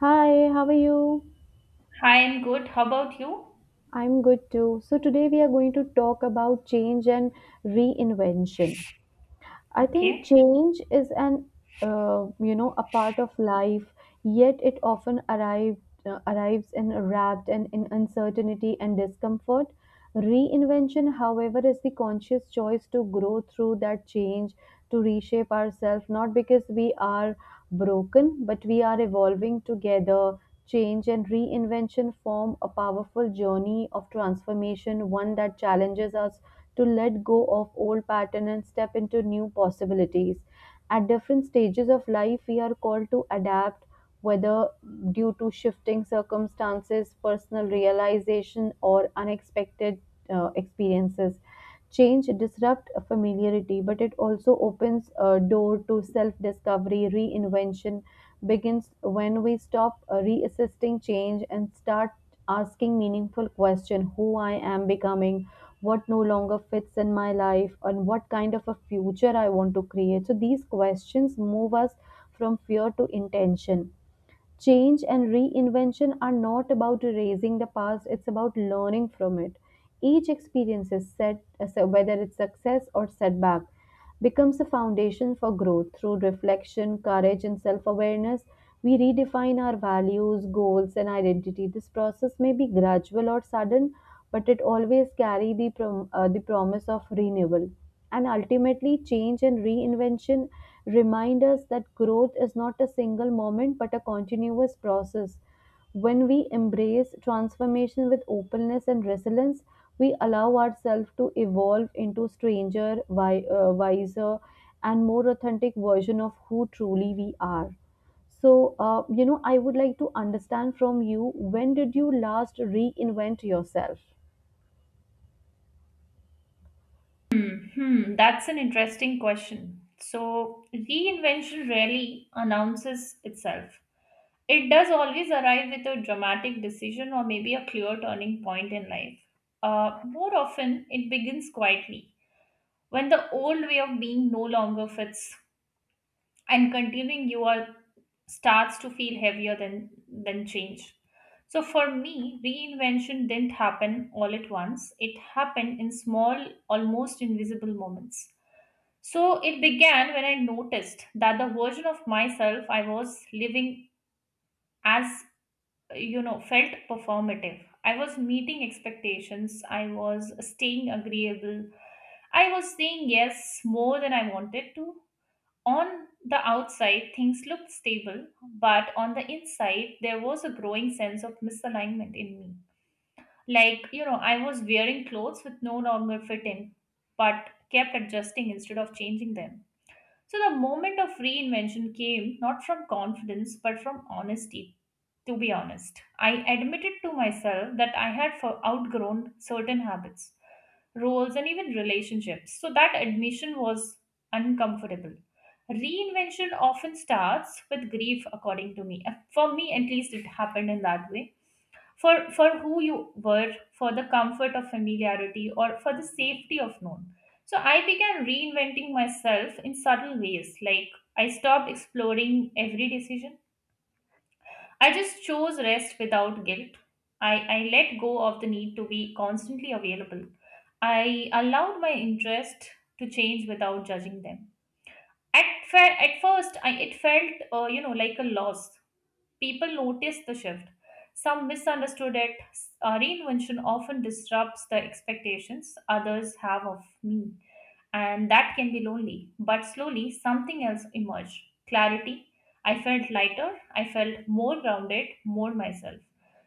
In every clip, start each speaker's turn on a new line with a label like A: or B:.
A: Hi, how are you?
B: I am good. How about you?
A: I'm good too. So, today we are going to talk about change and reinvention. I think
B: Okay.
A: change is an you know a part of life, yet arrives in wrapped and in uncertainty and discomfort. Reinvention, however, is the conscious choice to grow through that change, to reshape ourselves, not because we are broken, but we are evolving together. Change and reinvention form a powerful journey of transformation, one that challenges us to let go of old pattern and step into new possibilities. At different stages of life we are called to adapt, whether due to shifting circumstances, personal realization, or unexpected experiences. Change disrupt familiarity, but it also opens a door to self-discovery. Reinvention begins when we stop reassisting change and start asking meaningful question. Who I am becoming, what no longer fits in my life, and what kind of a future I want to create? So these questions move us from fear to intention. Change and reinvention are not about erasing the past, it's about learning from it. Each experience is set uh, so whether it's success or setback, becomes a foundation for growth. Through reflection, courage, and self-awareness, we redefine our values, goals, and identity. This process may be gradual or sudden, but it always carries the promise of renewal. And ultimately, change and reinvention remind us that growth is not a single moment but a continuous process. When we embrace transformation with openness and resilience, we allow ourselves to evolve into stranger, wiser, and more authentic version of who truly we are. So, I would like to understand from you, when did you last reinvent yourself?
B: That's an interesting question. So, reinvention rarely announces itself. It does always arrive with a dramatic decision or maybe a clear turning point in life. More often, it begins quietly when the old way of being no longer fits and continuing you are starts to feel heavier than change. So for me, reinvention didn't happen all at once. It happened in small, almost invisible moments. So it began when I noticed that the version of myself I was living as, felt performative. I was meeting expectations, I was staying agreeable, I was saying yes more than I wanted to. On the outside, things looked stable, but on the inside, there was a growing sense of misalignment in me. Like, you know, I was wearing clothes with no longer fitting, but kept adjusting instead of changing them. So the moment of reinvention came not from confidence, but from honesty. To be honest, I admitted to myself that I had for outgrown certain habits, roles, and even relationships. So that admission was uncomfortable. Reinvention often starts with grief, according to me. For me, at least, it happened in that way. For who you were, for the comfort of familiarity, or for the safety of known. So I began reinventing myself in subtle ways, like I stopped exploring every decision. I just chose rest without guilt. I let go of the need to be constantly available. I allowed my interest to change without judging them. At, at first, I, it felt, like a loss. People noticed the shift. Some misunderstood it. Reinvention often disrupts the expectations others have of me, and that can be lonely. But slowly, something else emerged: clarity. I felt lighter, I felt more grounded, more myself.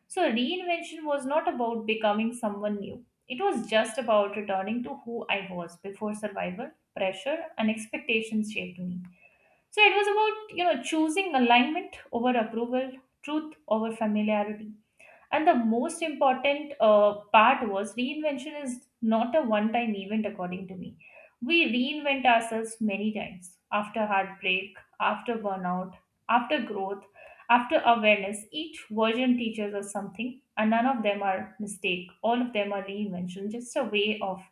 B: So, reinvention was not about becoming someone new, it was just about returning to who I was before survival, pressure, and expectations shaped me. So, it was about, you know, choosing alignment over approval, truth over familiarity. And the most important part was reinvention is not a one time event, according to me. We reinvent ourselves many times after heartbreak, after burnout, after growth, after awareness. Each version teaches us something, and none of them are mistake. All of them are reinvention, just a way of,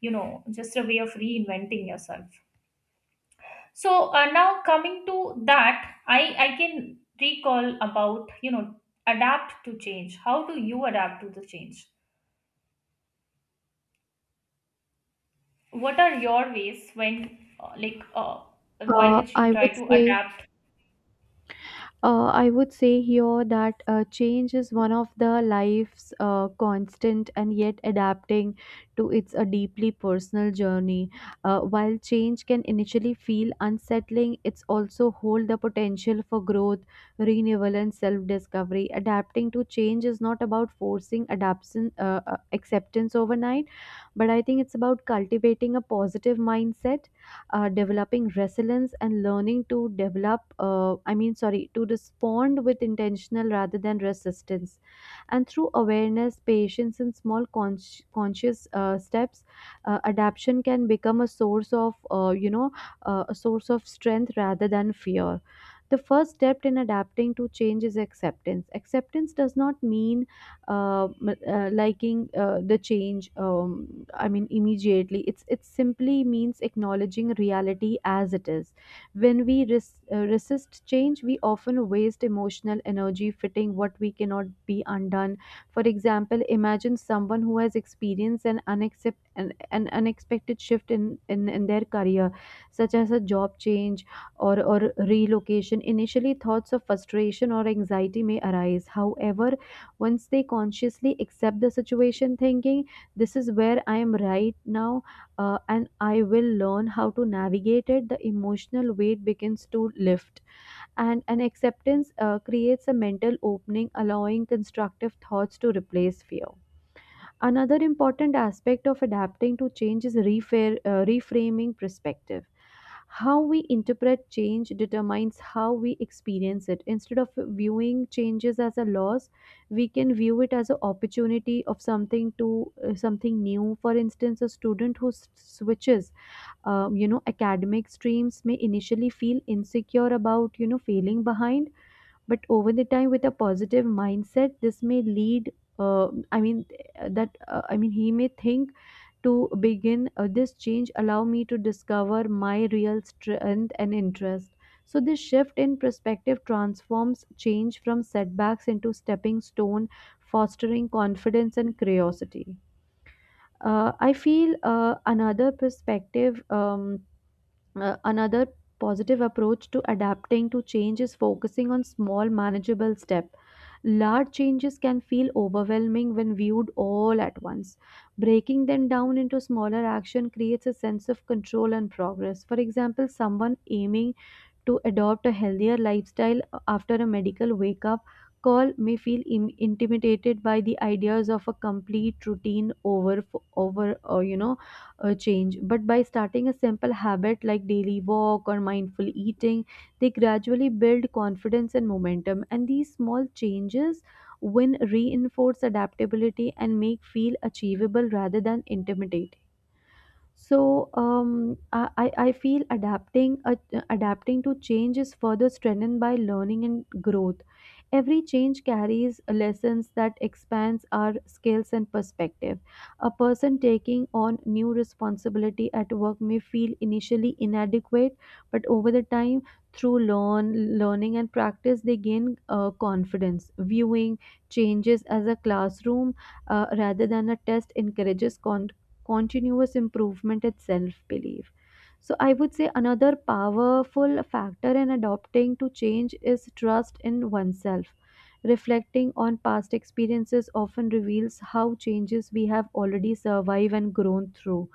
B: you know, just a way of reinventing yourself. So now coming to that, I can recall about, you know, adapt to change. How do you adapt to the change? What are your ways when by
A: Uh,
B: which you
A: I
B: try
A: would
B: to
A: say
B: adapt?
A: I would say here that change is one of the life's constant, and yet adapting to its a deeply personal journey. While change can initially feel unsettling, it's also hold the potential for growth, renewal, and self-discovery. Adapting to change is not about forcing acceptance overnight, but I think it's about cultivating a positive mindset, developing resilience, and learning to develop, sorry, to respond with intentional rather than resistance. And through awareness, patience, and small conscious steps, adaption can become a source of a source of strength rather than fear. The first step in adapting to change is acceptance. Acceptance does not mean liking the change, immediately. It's, it simply means acknowledging reality as it is. When we resist change, we often waste emotional energy fitting what we cannot be undone. For example, imagine someone who has experienced an unexpected shift in, in their career, such as a job change or relocation. Initially, thoughts of frustration or anxiety may arise. However, once they consciously accept the situation, thinking, "This is where I am right now, and I will learn how to navigate it," the emotional weight begins to lift. And an acceptance creates a mental opening, allowing constructive thoughts to replace fear. Another important aspect of adapting to change is reframing perspective. How we interpret change determines how we experience it. Instead of viewing changes as a loss, we can view it as an opportunity of something new. For instance, a student who switches academic streams may initially feel insecure about you know failing behind, but over the time with a positive mindset this may lead, I mean that I mean he may think, to begin, this change allow me to discover my real strength and interest. So this shift in perspective transforms change from setbacks into stepping stone, fostering confidence and curiosity. I feel another perspective Another positive approach to adapting to change is focusing on small manageable step. Large changes can feel overwhelming when viewed all at once. Breaking them down into smaller action creates a sense of control and progress. For example, someone aiming to adopt a healthier lifestyle after a medical wake up call may feel intimidated by the ideas of a complete routine over or you know a change. But by starting a simple habit like daily walk or mindful eating, they gradually build confidence and momentum, and these small changes when reinforce adaptability and make feel achievable rather than intimidating. So I feel adapting to change is further strengthened by learning and growth. Every change carries lessons that expands our skills and perspective. A person taking on new responsibility at work may feel initially inadequate, but over the time, through learning and practice, they gain confidence. Viewing changes as a classroom rather than a test encourages continuous improvement and self belief. So, I would say another powerful factor in adopting to change is trust in oneself. Reflecting on past experiences often reveals how changes we have already survived and grown through.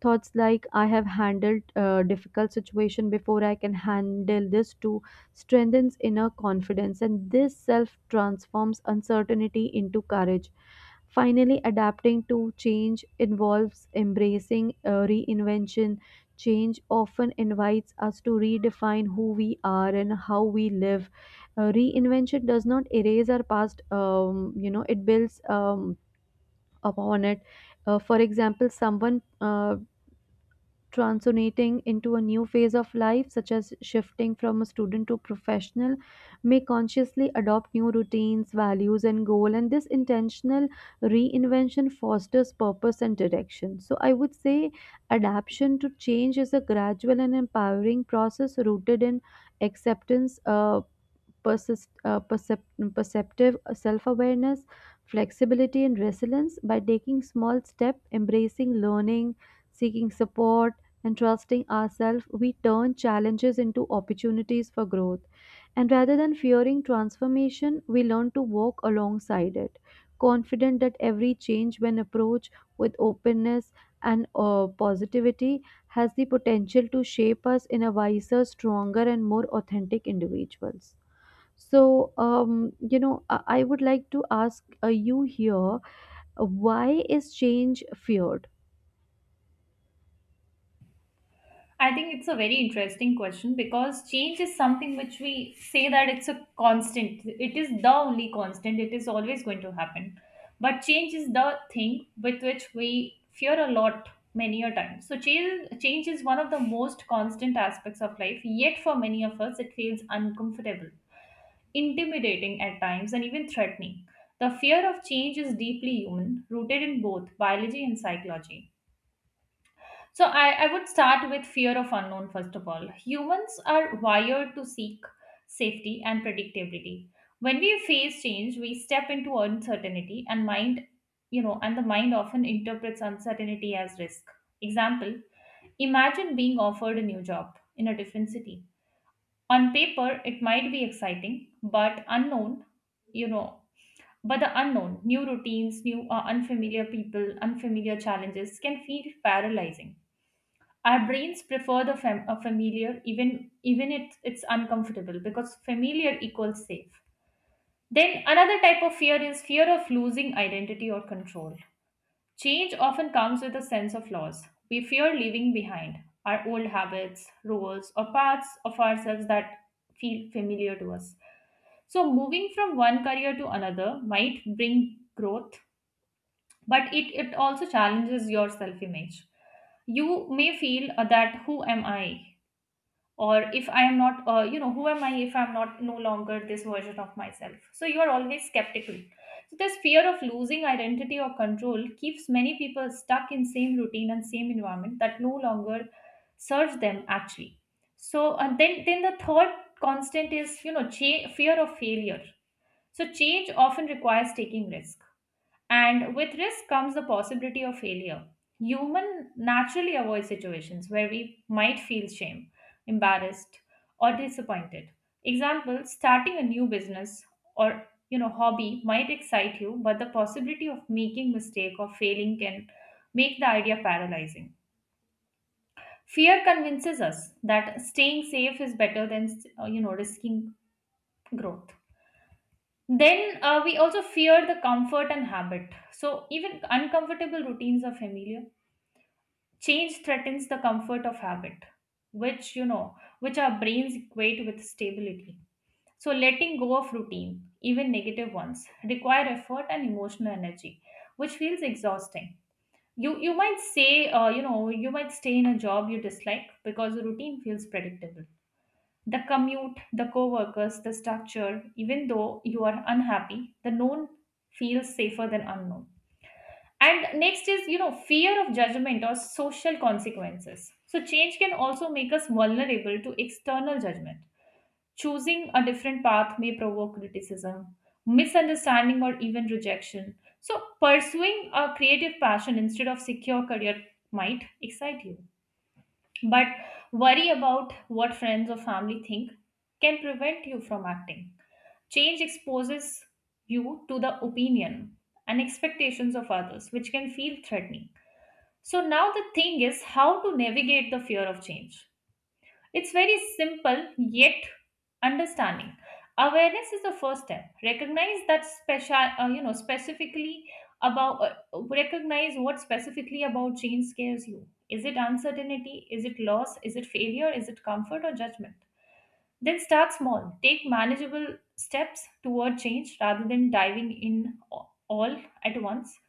A: Thoughts like, "I have handled a difficult situation before, I can handle this too," strengthens inner confidence, and this self transforms uncertainty into courage. Finally, adapting to change involves embracing reinvention. Change often invites us to redefine who we are and how we live. Reinvention does not erase our past, it builds upon it. For example, someone uh, transitioning into a new phase of life, such as shifting from a student to professional, may consciously adopt new routines, values, and goal. And this intentional reinvention fosters purpose and direction. So I would say adaptation to change is a gradual and empowering process rooted in acceptance, perceptive, self awareness, flexibility, and resilience. By taking small steps, embracing learning, seeking support, and trusting ourselves, we turn challenges into opportunities for growth. And rather than fearing transformation, we learn to walk alongside it, confident that every change, when approached with openness and positivity, has the potential to shape us in a wiser, stronger, and more authentic individuals. So, I would like to ask you here, why is change feared?
B: I think it's a very interesting question because change is something which we say that it's a constant. It is the only constant. It is always going to happen. But change is the thing with which we fear a lot many a time. So change is one of the most constant aspects of life. Yet for many of us, it feels uncomfortable, intimidating at times, and even threatening. The fear of change is deeply human, rooted in both biology and psychology. So I would start with fear of unknown first of all. Humans are wired to seek safety and predictability. When we face change, we step into uncertainty and mind, you know, and the mind often interprets uncertainty as risk. Example, imagine being offered a new job in a different city. On paper, it might be exciting, but unknown, you know, but the unknown, new routines, new unfamiliar people, unfamiliar challenges can feel paralyzing. Our brains prefer the fam- a familiar even even it's uncomfortable, because familiar equals safe. Then another type of fear is fear of losing identity or control. Change often comes with a sense of loss. We fear leaving behind our old habits, roles, or parts of ourselves that feel familiar to us. So moving from one career to another might bring growth, but it also challenges your self-image. You may feel that who am I? Or if I am not you know, who am I if I'm not no longer this version of myself? So you are always skeptical. So this fear of losing identity or control keeps many people stuck in same routine and same environment that no longer serves them, actually. So and then the third constant is, you know, fear of failure. So change often requires taking risk, and with risk comes the possibility of failure. Human naturally avoid situations where we might feel shame, embarrassed, or disappointed. Example, starting a new business or, you know, hobby might excite you, but the possibility of making mistake or failing can make the idea paralyzing. Fear convinces us that staying safe is better than risking growth. Then we also fear the comfort and habit. So even uncomfortable routines are familiar. Change threatens the comfort of habit, which, you know, which our brains equate with stability. So letting go of routine, even negative ones, require effort and emotional energy, which feels exhausting. You might say, you might stay in a job you dislike because the routine feels predictable: the commute, the coworkers, the structure. Even though you are unhappy, the known feels safer than unknown. And next is, you know, fear of judgment or social consequences. So change can also make us vulnerable to external judgment. Choosing a different path may provoke criticism, misunderstanding, or even rejection. So pursuing a creative passion instead of secure career might excite you, but worry about what friends or family think can prevent you from acting. Change exposes you to the opinion and expectations of others, which can feel threatening. So, now the thing is how to navigate the fear of change. It's very simple. Yet understanding awareness is the first step. Recognize that special specifically about recognize what specifically about change scares you. Is it uncertainty? Is it loss? Is it failure? Is it comfort or judgment? Then start small. Take manageable steps toward change rather than diving in all at once.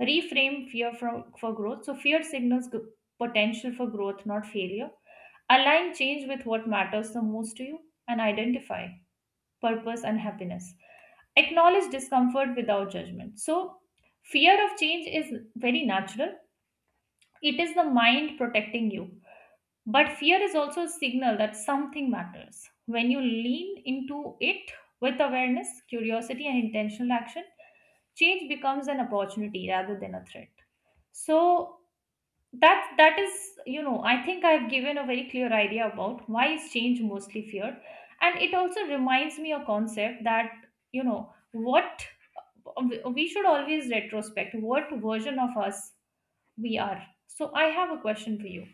B: Reframe fear from, for growth. So fear signals potential for growth, not failure. Align change with what matters the most to you, and identify purpose, and happiness. Acknowledge discomfort without judgment. So, fear of change is very natural, it is the mind protecting you. But fear is also a signal that something matters. When you lean into it with awareness, curiosity, and intentional action, change becomes an opportunity rather than a threat. So, that is, you know, I think I've given a very clear idea about why is change mostly feared. And it also reminds me a concept that, you know what, we should always retrospect what version of us we are. So I have a question for you: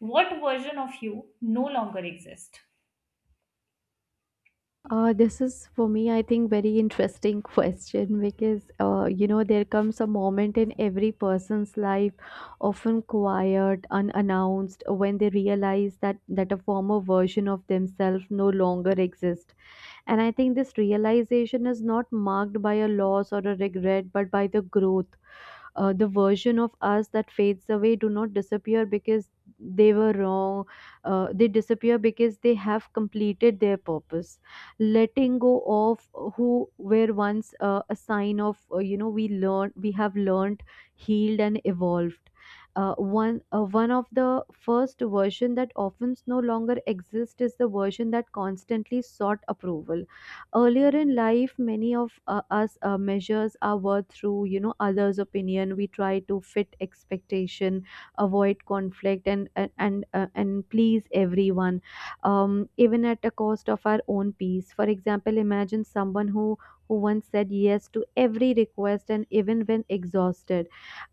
B: what version of you no longer exist?
A: This is for me, I think, very interesting question because you know there comes a moment in every person's life, often quiet, unannounced, when they realize that that a former version of themselves no longer exists. And I think this realization is not marked by a loss or a regret, but by the growth. The version of us that fades away do not disappear because they were wrong. They disappear because they have completed their purpose. Letting go of who were once a sign of we have learned, healed, and evolved. One of the first version that often no longer exists is the version that constantly sought approval. Earlier in life, many of us measures our worth through you know others opinion. We try to fit expectation, avoid conflict, and and please everyone, even at the cost of our own peace. For example, imagine someone who once said yes to every request, and even when exhausted,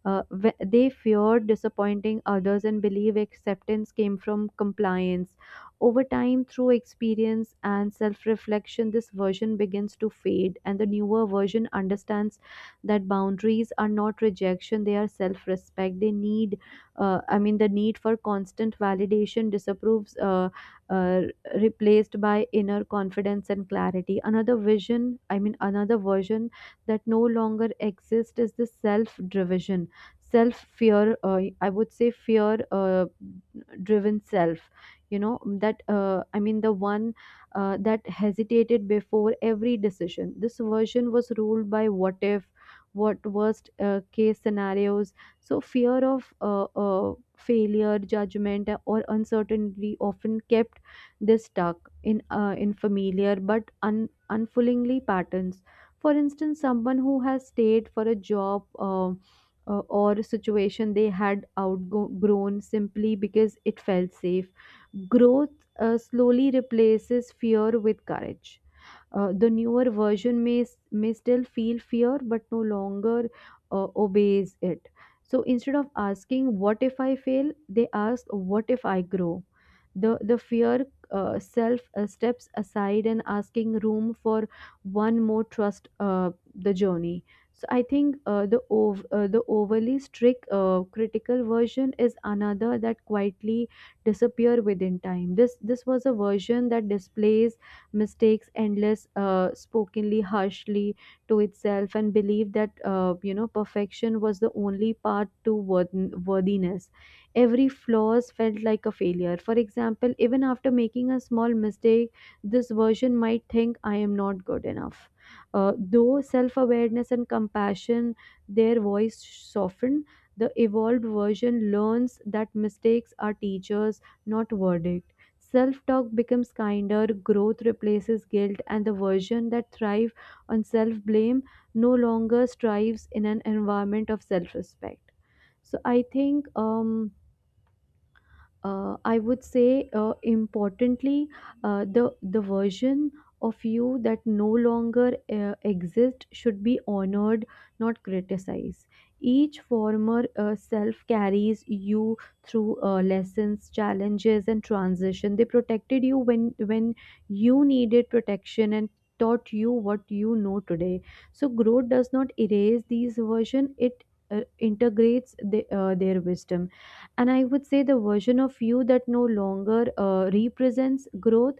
A: they feared disappointing others and believe acceptance came from compliance. Over time, through experience and self reflection, this version begins to fade, and the newer version understands that boundaries are not rejection, they are self respect. They need, the need for constant validation disapproves, uh, replaced by inner confidence and clarity. Another vision, I mean, another version that no longer exists is the self driven, self fear I would say fear driven self, you know that I mean the one that hesitated before every decision. This version was ruled by what if, what worst case scenarios. So fear of failure, judgment, or uncertainty often kept this stuck in familiar but unfulfillingly patterns. For instance, someone who has stayed for a job or a situation they had outgrown simply because it felt safe. Growth slowly replaces fear with courage. The newer version may still feel fear, but no longer obeys it. So instead of asking, "What if I fail?" they ask, "What if I grow?" The fear self steps aside and asking room for one more, trust the journey. So I think the overly strict critical version is another that quietly disappear within time. This was a version that displays mistakes endless, spokenly harshly to itself and believed that perfection was the only path to worthiness. Every flaws felt like a failure. For example, even after making a small mistake, this version might think I am not good enough. Though self-awareness and compassion, their voice softened. The evolved version learns that mistakes are teachers, not verdicts. Self talk becomes kinder, growth replaces guilt, and the version that thrives on self blame no longer strives in an environment of self respect. So I think I would say, importantly, the version of you that no longer exists should be honored, not criticized. Each former self carries you through lessons, challenges, and transition. They protected you when you needed protection and taught you what you know today. So growth does not erase these version; it integrates the, their wisdom. And I would say the version of you that no longer represents growth,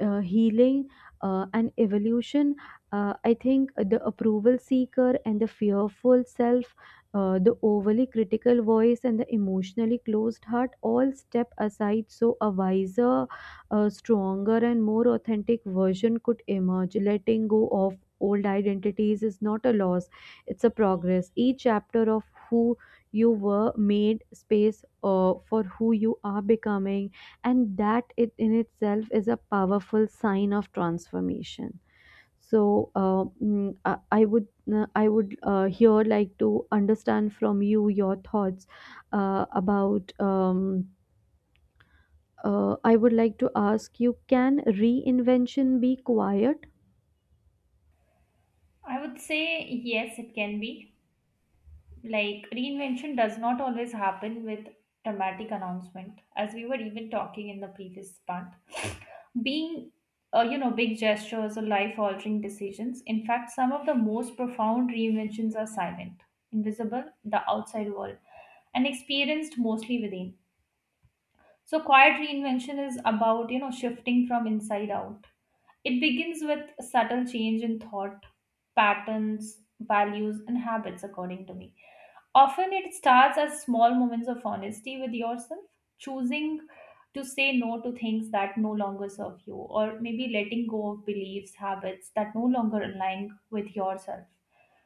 A: healing, and evolution. I think the approval seeker and the fearful self, the overly critical voice and the emotionally closed heart all step aside so a wiser, stronger and more authentic version could emerge. Letting go of old identities is not a loss, it's a progress. Each chapter of who you were made space for who you are becoming, and that it in itself is a powerful sign of transformation. So mm, I would here like to understand from you your thoughts about I would like to ask you, can reinvention be quiet?
B: I would say yes, it can be, like, reinvention does not always happen with dramatic announcement. As we were even talking in the previous part, being big gestures or life altering decisions. In fact, some of the most profound reinventions are silent, invisible to the outside world, and experienced mostly within. So quiet reinvention is about, you know, shifting from inside out. It begins with subtle change in thought patterns, values, and habits, according to me. Often it starts as small moments of honesty with yourself, choosing to say no to things that no longer serve you, or maybe letting go of beliefs, habits that no longer align with yourself.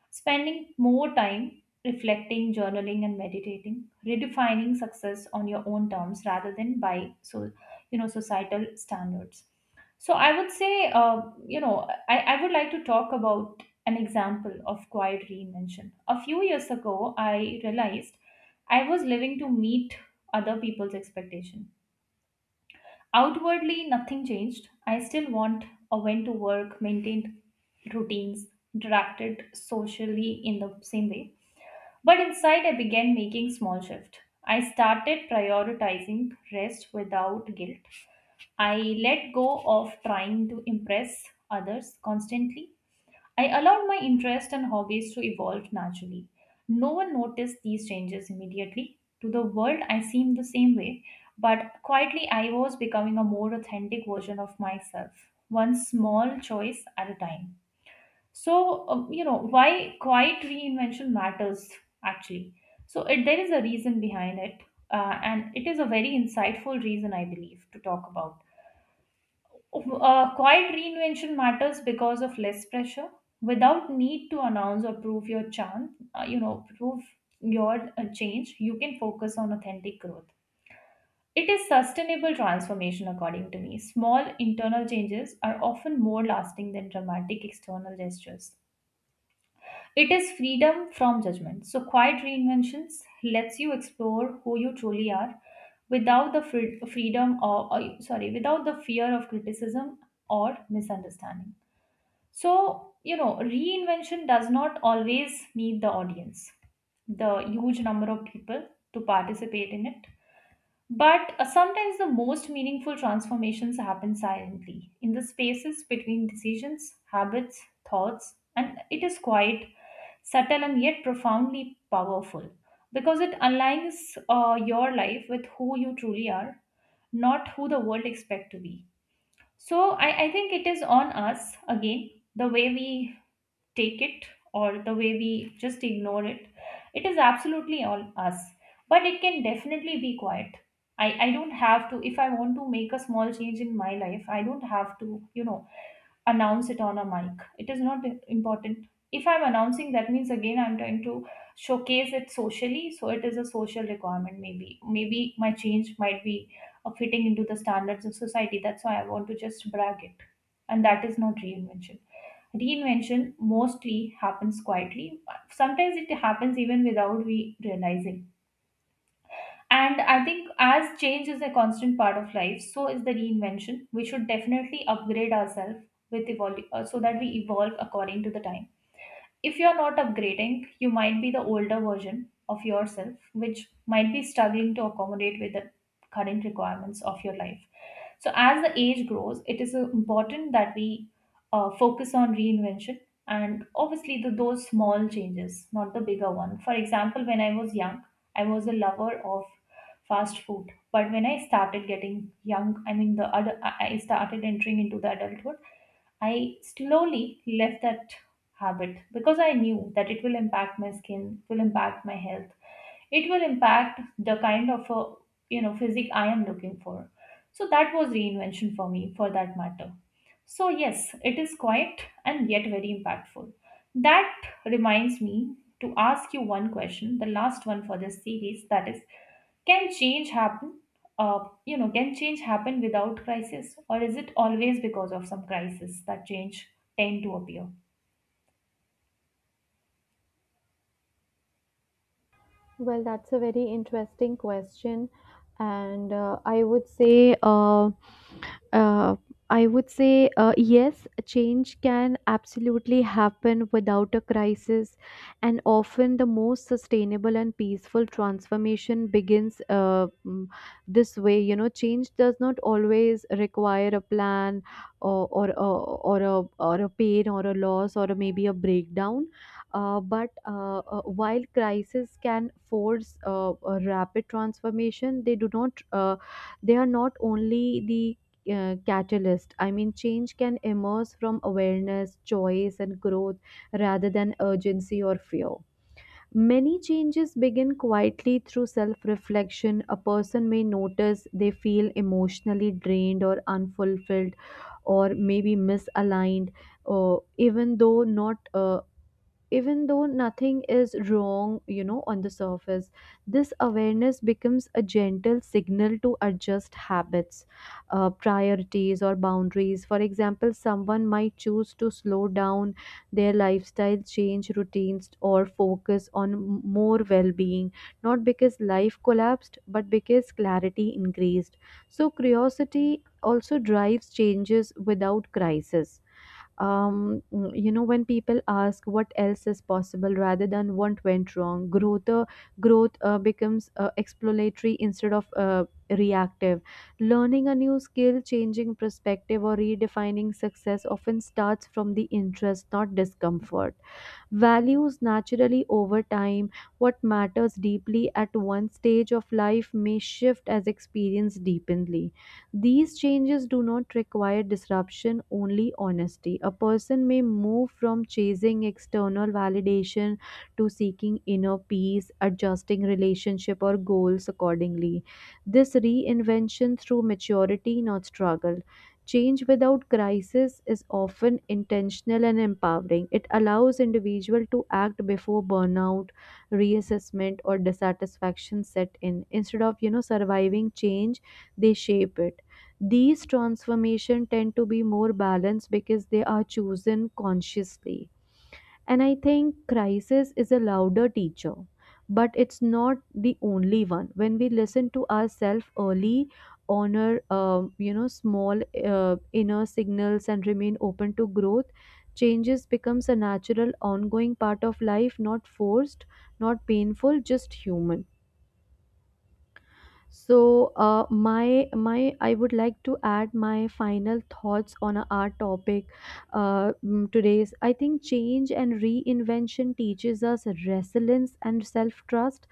B: Spending more time reflecting, journaling, and meditating, redefining success on your own terms rather than by so, you know, societal standards. So I would say, I would like to talk about an example of quiet reinvention. A few years ago, I realized I was living to meet other people's expectation. Outwardly, nothing changed. I still want or went to work, maintained routines, interacted socially in the same way. But inside, I began making small shift. I started prioritizing rest without guilt. I let go of trying to impress others constantly. I allowed my interests and hobbies to evolve naturally. No one noticed these changes immediately. To the world, I seemed the same way, but quietly, I was becoming a more authentic version of myself, one small choice at a time. So, you know, why quiet reinvention matters actually. So, there is a reason behind it, and it is a very insightful reason, I believe, to talk about. Quiet reinvention matters because of less pressure. Without need to announce or prove your charm, prove your change, you can focus on authentic growth. It is sustainable transformation, according to me. Small internal changes are often more lasting than dramatic external gestures. It is freedom from judgment. So, Quiet Reinventions lets you explore who you truly are without the freedom without the fear of criticism or misunderstanding. So, reinvention does not always need the audience, the huge number of people to participate in it. But sometimes the most meaningful transformations happen silently in the spaces between decisions, habits, thoughts, and it is quite subtle and yet profoundly powerful because it aligns your life with who you truly are, not who the world expects to be. So I think it is on us again, the way we take it or the way we just ignore it. It is absolutely on us, but it can definitely be quiet. I don't have to. If I want to make a small change in my life, I don't have to, you know announce it on a mic. It is not important. If I'm announcing, that means again I'm trying to showcase it socially. So it is a social requirement, maybe. Maybe my change might be fitting into the standards of society. That's why I want to just brag it. And that is not reinvention. Reinvention mostly happens quietly. Sometimes it happens even without we realizing, and I think as change is a constant part of life, so is the reinvention. We should definitely upgrade ourselves so that we evolve according to the time. If you're not upgrading, you might be the older version of yourself, which might be struggling to accommodate with the current requirements of your life. So, as the age grows, it is important that we focus on reinvention and obviously those small changes, not the bigger one. For example, when I was young, I was a lover of fast food, but when I started getting young, I mean the other, I started entering into the adulthood. I slowly left that habit because I knew that it will impact my skin, will impact my health, it will impact the kind of physique I am looking for. So that was reinvention for me, for that matter. So yes, it is quiet and yet very impactful. That reminds me to ask you one question, the last one for this series, that is, can change happen? Can change happen without crisis, or is it always because of some crisis that change tend to appear?
A: Well, that's a very interesting question. And uh, Uh, I would say, yes, change can absolutely happen without a crisis, and often the most sustainable and peaceful transformation begins this way. You know, change does not always require a plan or a pain or a loss or a, maybe a breakdown. But while crisis can force a rapid transformation, they do not. They are not only the catalyst. I mean, change can emerge from awareness, choice, and growth rather than urgency or fear. Many changes begin quietly through self reflection. A person may notice they feel emotionally drained or unfulfilled, or maybe misaligned, or even though not uh, even though nothing is wrong, you know, on the surface. This awareness becomes a gentle signal to adjust habits, priorities or boundaries. For example, someone might choose to slow down their lifestyle, change routines or focus on more well-being, not because life collapsed but because clarity increased. So curiosity also drives changes without crisis. um, you know, when people ask what else is possible rather than what went wrong, growth becomes exploratory instead of reactive. Learning a new skill, changing perspective or redefining success often starts from the interest, not discomfort. Values naturally over time. What matters deeply at one stage of life may shift as experience deepens. These changes do not require disruption, only honesty. A person may move from chasing external validation to seeking inner peace, adjusting relationship or goals accordingly. This reinvention through maturity, not struggle. Change without crisis is often intentional and empowering. It allows individual to act before burnout, reassessment or dissatisfaction set in. Instead of, you know, surviving change, they shape it. These transformation tend to be more balanced because they are chosen consciously. And I think crisis is a louder teacher, but it's not the only one. When we listen to ourselves early, honor you know small inner signals, and remain open to growth, changes becomes a natural, ongoing part of life, not forced, not painful, just human. So, my I would like to add my final thoughts on our topic, today's. I think change and reinvention teaches us resilience and self trust.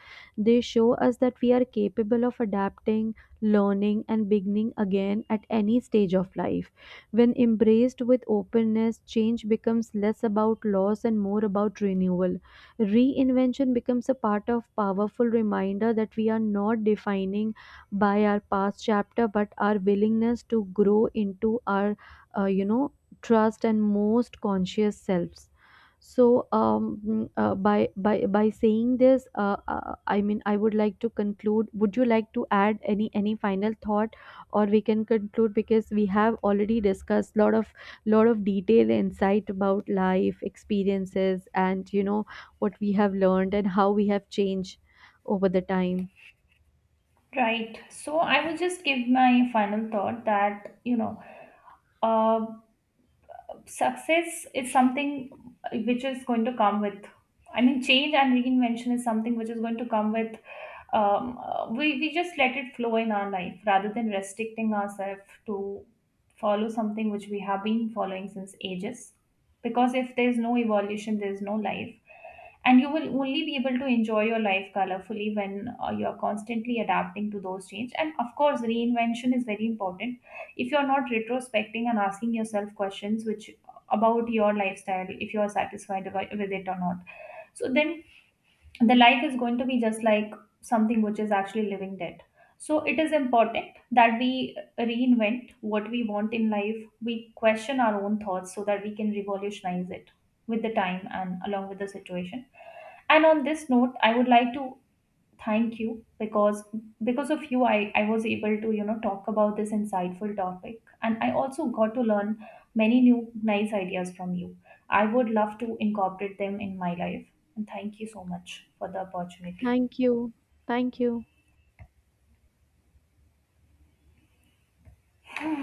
A: They show us that we are capable of adapting, learning, and beginning again at any stage of life. When embraced with openness, change becomes less about loss and more about renewal. Reinvention becomes a part of powerful reminder that we are not defining by our past chapter but our willingness to grow into our uh, you know trust and most conscious selves. So by saying this, I mean, I would like to conclude. Would you like to add any final thought, or we can conclude because we have already discussed lot of detailed insight about life experiences and, you know, what we have learned and how we have changed over the time.
B: Right. So I will just give my final thought that, uh, success is something which is going to come with, I mean, change and reinvention is something which is going to come with we just let it flow in our life rather than restricting ourselves to follow something which we have been following since ages. Because if there's no evolution, there's no life. And you will only be able to enjoy your life colorfully when you're constantly adapting to those change. And of course, reinvention is very important. If you're not retrospecting and asking yourself questions which about your lifestyle, if you are satisfied with it or not, so then the life is going to be just like something which is actually living dead. So it is important that we reinvent what we want in life, we question our own thoughts so that we can revolutionize it with the time and along with the situation. And on this note, I would like to thank you, because of you, I was able to, talk about this insightful topic, and I also got to learn many new nice ideas from you. I would love to incorporate them in my life, and thank you so much for the opportunity.
A: Thank you. Thank you.